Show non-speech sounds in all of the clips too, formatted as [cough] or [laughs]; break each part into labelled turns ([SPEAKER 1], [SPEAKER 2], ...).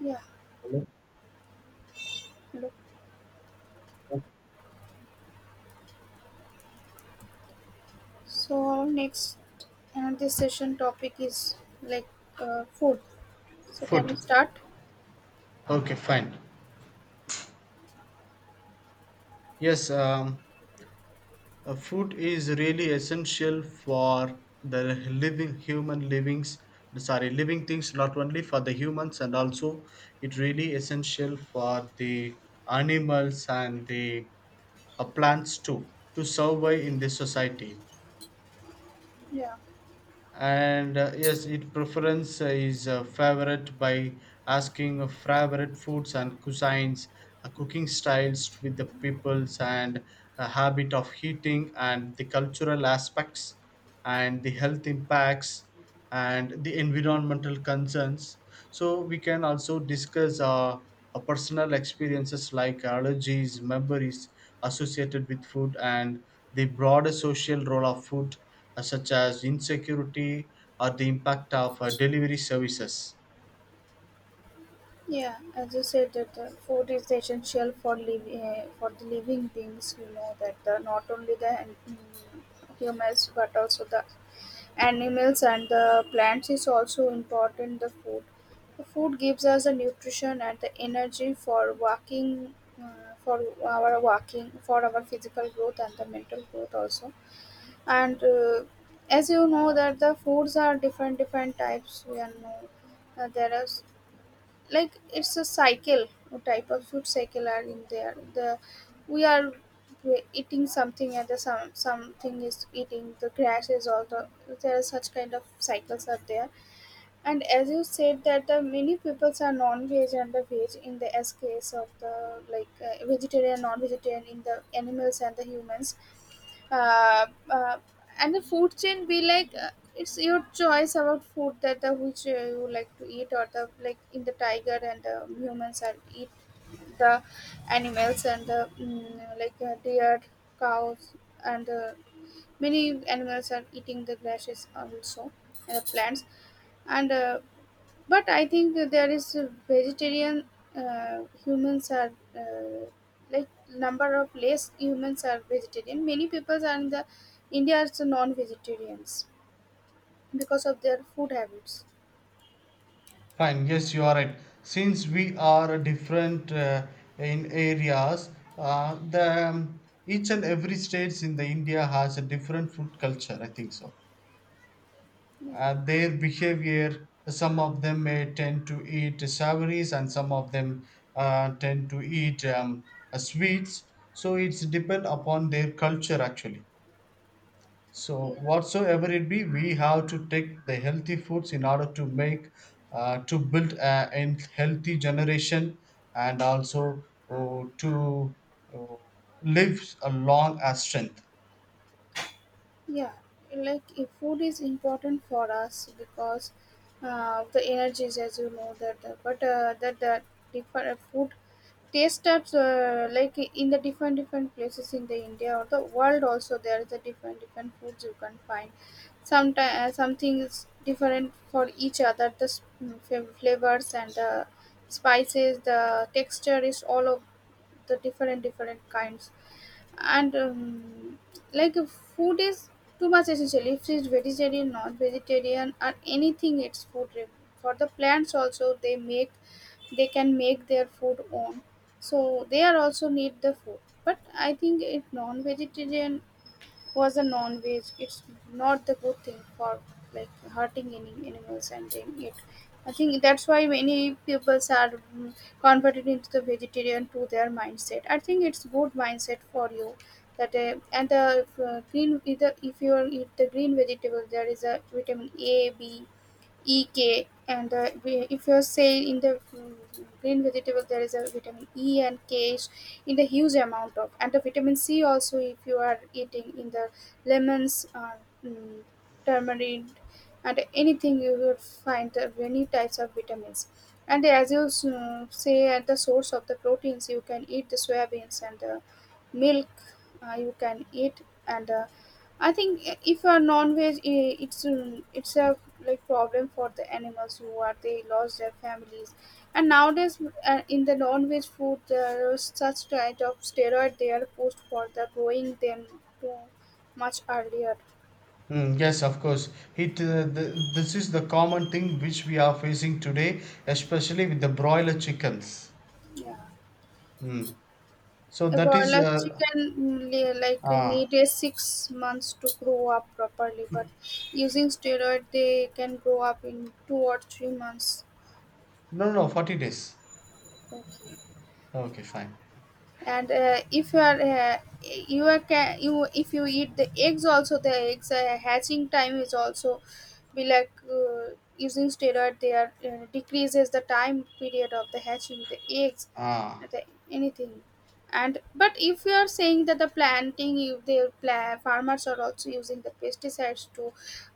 [SPEAKER 1] Yeah, look. So our next and this session topic is like food. So can
[SPEAKER 2] Food.
[SPEAKER 1] you start?
[SPEAKER 2] Okay, fine. Yes, food is really essential for the living human livings. Sorry, living things, not only for the humans, and also it really essential for the animals and the plants too to survive in this society.
[SPEAKER 1] Yeah,
[SPEAKER 2] And yes, it preference is favorite by asking of favorite foods and cuisines, cooking styles with the peoples and a habit of heating and the cultural aspects and the health impacts and the environmental concerns. So we can also discuss personal experiences like allergies, memories associated with food, and the broader social role of food, such as insecurity or the impact of delivery services.
[SPEAKER 1] yeah. As you said that the food is essential for living for the living beings. You know not only the mm, humans but also the animals and the plants is also important the food gives us the nutrition and the energy for walking uh, for our walking for our physical growth and the mental growth also, and as you know that the foods are different different types we are know. There is like it's a cycle, what type of food cycle are in there, the we are eating something and the something is eating, the grass is also there, are such kind of cycles are there. And as you said that the many peoples are non-veg and the veg in the, as case of the like vegetarian non-vegetarian in the animals and the humans. uh, uh, and the food chain be like it's your choice about food that which you like to eat, or the like in the tiger and the humans are eat the animals and the like deer, cows, and many animals are eating the grasses also, and the plants, and but I think that there is a vegetarian humans are like number of less humans are vegetarian. Many people are in the India are so non-vegetarians because of their food habits.
[SPEAKER 2] Fine, yes, you are right. Since we are different in areas, the each and every states in the India has a different food culture. I think so.
[SPEAKER 1] Yeah,
[SPEAKER 2] Their behavior, some of them may tend to eat savories, and some of them tend to eat sweets, so it's depend upon their culture actually. So
[SPEAKER 1] yeah,
[SPEAKER 2] whatsoever it be, we have to take the healthy foods in order to make to build a healthy generation, and also to uh, live a long as strength.
[SPEAKER 1] yeah, like if food is important for us because the energies, as you know, that but that the different food taste types like in the different different places in the india or the world also there is a different different foods you can find. Sometimes something is different for each other, the flavors and the spices, the texture is all of the different different kinds, and like if food is too much essential, if she's vegetarian non vegetarian or anything, for the plants also, they make they can make their food own, so they are also need the food. But I think it non vegetarian was a non-veg, it's not the good thing for like hurting any animals and doing it. I think that's why many peoples are converted into the vegetarian to their mindset. I think it's good mindset for you, that and the green either if you eat the green vegetable there is a vitamin A B ek, and if you say in the green vegetable there is a vitamin e and k is in the huge amount of, and the vitamin c also if you are eating in the lemons, mm, turmeric, and anything you will find the many types of vitamins. And as you say at the source of the proteins, you can eat the soybeans and the milk, you can eat, and I think if you are non-veg, it's a like problem for the animals who are they lost their families. And nowadays in the non-veg food there is such kind of steroid they are pushed for the growing them too much earlier.
[SPEAKER 2] Mm, yes, of course. This is the common thing which we are facing today, especially with the broiler chickens.
[SPEAKER 1] Yeah,
[SPEAKER 2] Mm. So that
[SPEAKER 1] about
[SPEAKER 2] is
[SPEAKER 1] like chicken, like
[SPEAKER 2] ah
[SPEAKER 1] needed 6 months to grow up properly, but using steroid they can grow up in 2 or 3 months.
[SPEAKER 2] No, no, no, 40 days.
[SPEAKER 1] Okay.
[SPEAKER 2] Okay, fine.
[SPEAKER 1] And if you are you are you, if you eat the eggs also, the eggs hatching time is also be like using steroid, they are decreases the time period of the hatching the eggs,
[SPEAKER 2] Ah.
[SPEAKER 1] the, anything. And but if you are saying that the planting, if the farmers are also using the pesticides to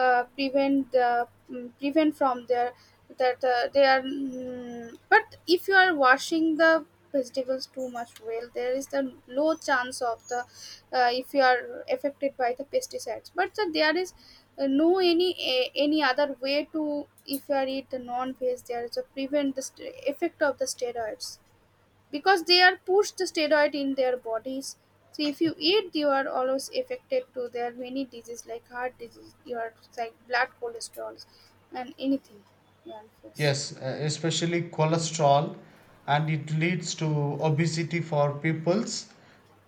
[SPEAKER 1] prevent the, prevent from their, that they are, but if you are washing the vegetables too much well, there is the low chance of the if you are affected by the pesticides. But there is no any a, any other way to if you are eat the non-veg, there is a prevent the effect of the steroids because they are pushed the steroid in their bodies. So if you eat, you are always affected to their many disease like heart disease, your like blood cholesterol and anything. Yeah, of course.
[SPEAKER 2] Yes, especially cholesterol, and it leads to obesity for peoples,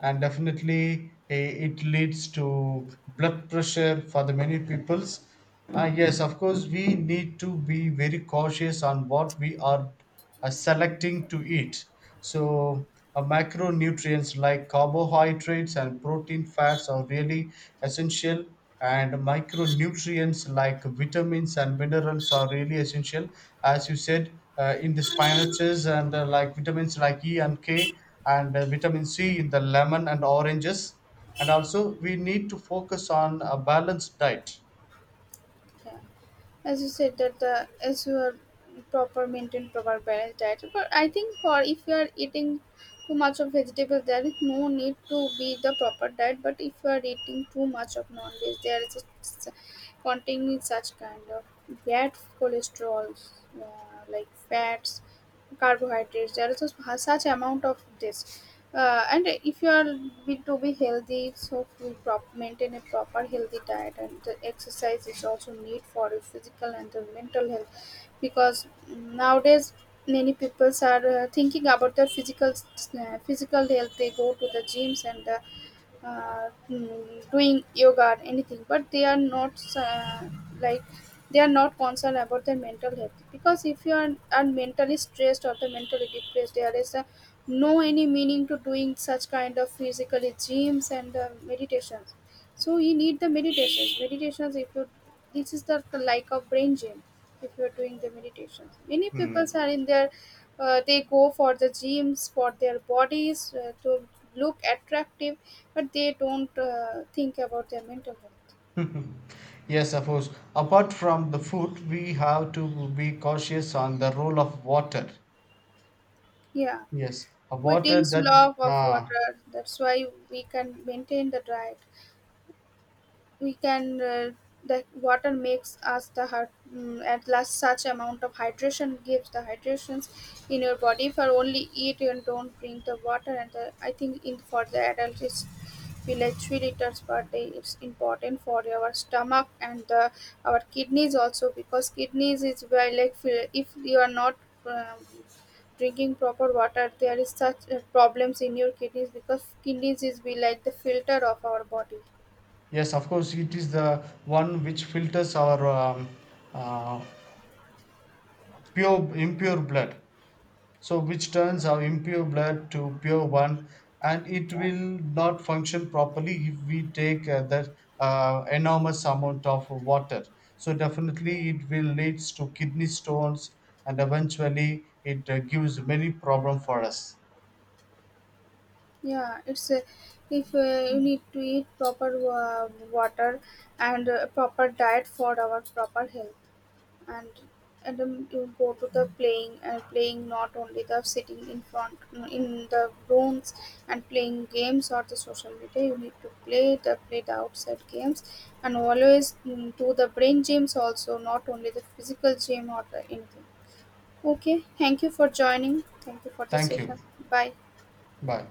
[SPEAKER 2] and definitely it leads to blood pressure for the many peoples. Yes, of course, we need to be very cautious on what we are selecting to eat. So, macronutrients like carbohydrates and protein fats are really essential, and micronutrients like vitamins and minerals are really essential. As you said, in the spinaches and like vitamins like E and K, and vitamin C in the lemon and oranges. And also, we need to focus on a balanced diet.
[SPEAKER 1] Yeah, as you said that the, as you are proper maintain proper balanced diet, but I think for if you are eating too much of vegetables there is no need to be the proper diet, but if you are eating too much of non-veg there is a containing such kind of bad cholesterol, like fats, carbohydrates, there is a, such amount of this, and if you are will to be healthy, so we maintain a proper healthy diet, and the exercise is also need for your physical and the mental health, because nowadays many people are thinking about their physical physical health, they go to the gyms, and doing yoga or anything, but they are not like, they are not concerned about their mental health. Because if you are mentally stressed or the mentally depressed, there is a, no any meaning to doing such kind of physically gyms and meditation. So you need the meditations. Meditations, if you, this is the like of brain gym. If you are doing the meditations, many people
[SPEAKER 2] Hmm.
[SPEAKER 1] are in their they go for the gyms for their bodies to look attractive, but they don't think about their mental health.
[SPEAKER 2] [laughs] Yes, of course. Apart from the food, we have to be cautious on the role of water.
[SPEAKER 1] Yeah,
[SPEAKER 2] Yes, a
[SPEAKER 1] we drink
[SPEAKER 2] water that
[SPEAKER 1] lot of
[SPEAKER 2] uh,
[SPEAKER 1] water. That's why we can maintain the diet. We can, the water makes us the heart, at last such amount of hydration gives the hydrations in your body if you only eat and don't drink the water. And the, I think in for the adult it's be like 3 liters per day, it's important for our stomach, and the our kidneys also, because kidneys is where like if you are not um, drinking proper water there is such problems in your kidneys, because kidneys is be like the filter of our body.
[SPEAKER 2] yes, of course, it is the one which filters our uh, pure impure blood, so which turns our impure blood to pure one, and it will not function properly if we take that enormous amount of water. So definitely it will leads to kidney stones, and eventually it gives many problem for us.
[SPEAKER 1] Yeah, it's if you need to eat proper water and proper diet for our proper health, and you go to the playing and playing, not only the sitting in front in the rooms and playing games or the social media. You need to play the outside games, and always do the brain gyms also, not only the physical gym or the anything. Okay, thank you for joining. Thank you for this
[SPEAKER 2] Thank you.
[SPEAKER 1] session. Bye.
[SPEAKER 2] Bye.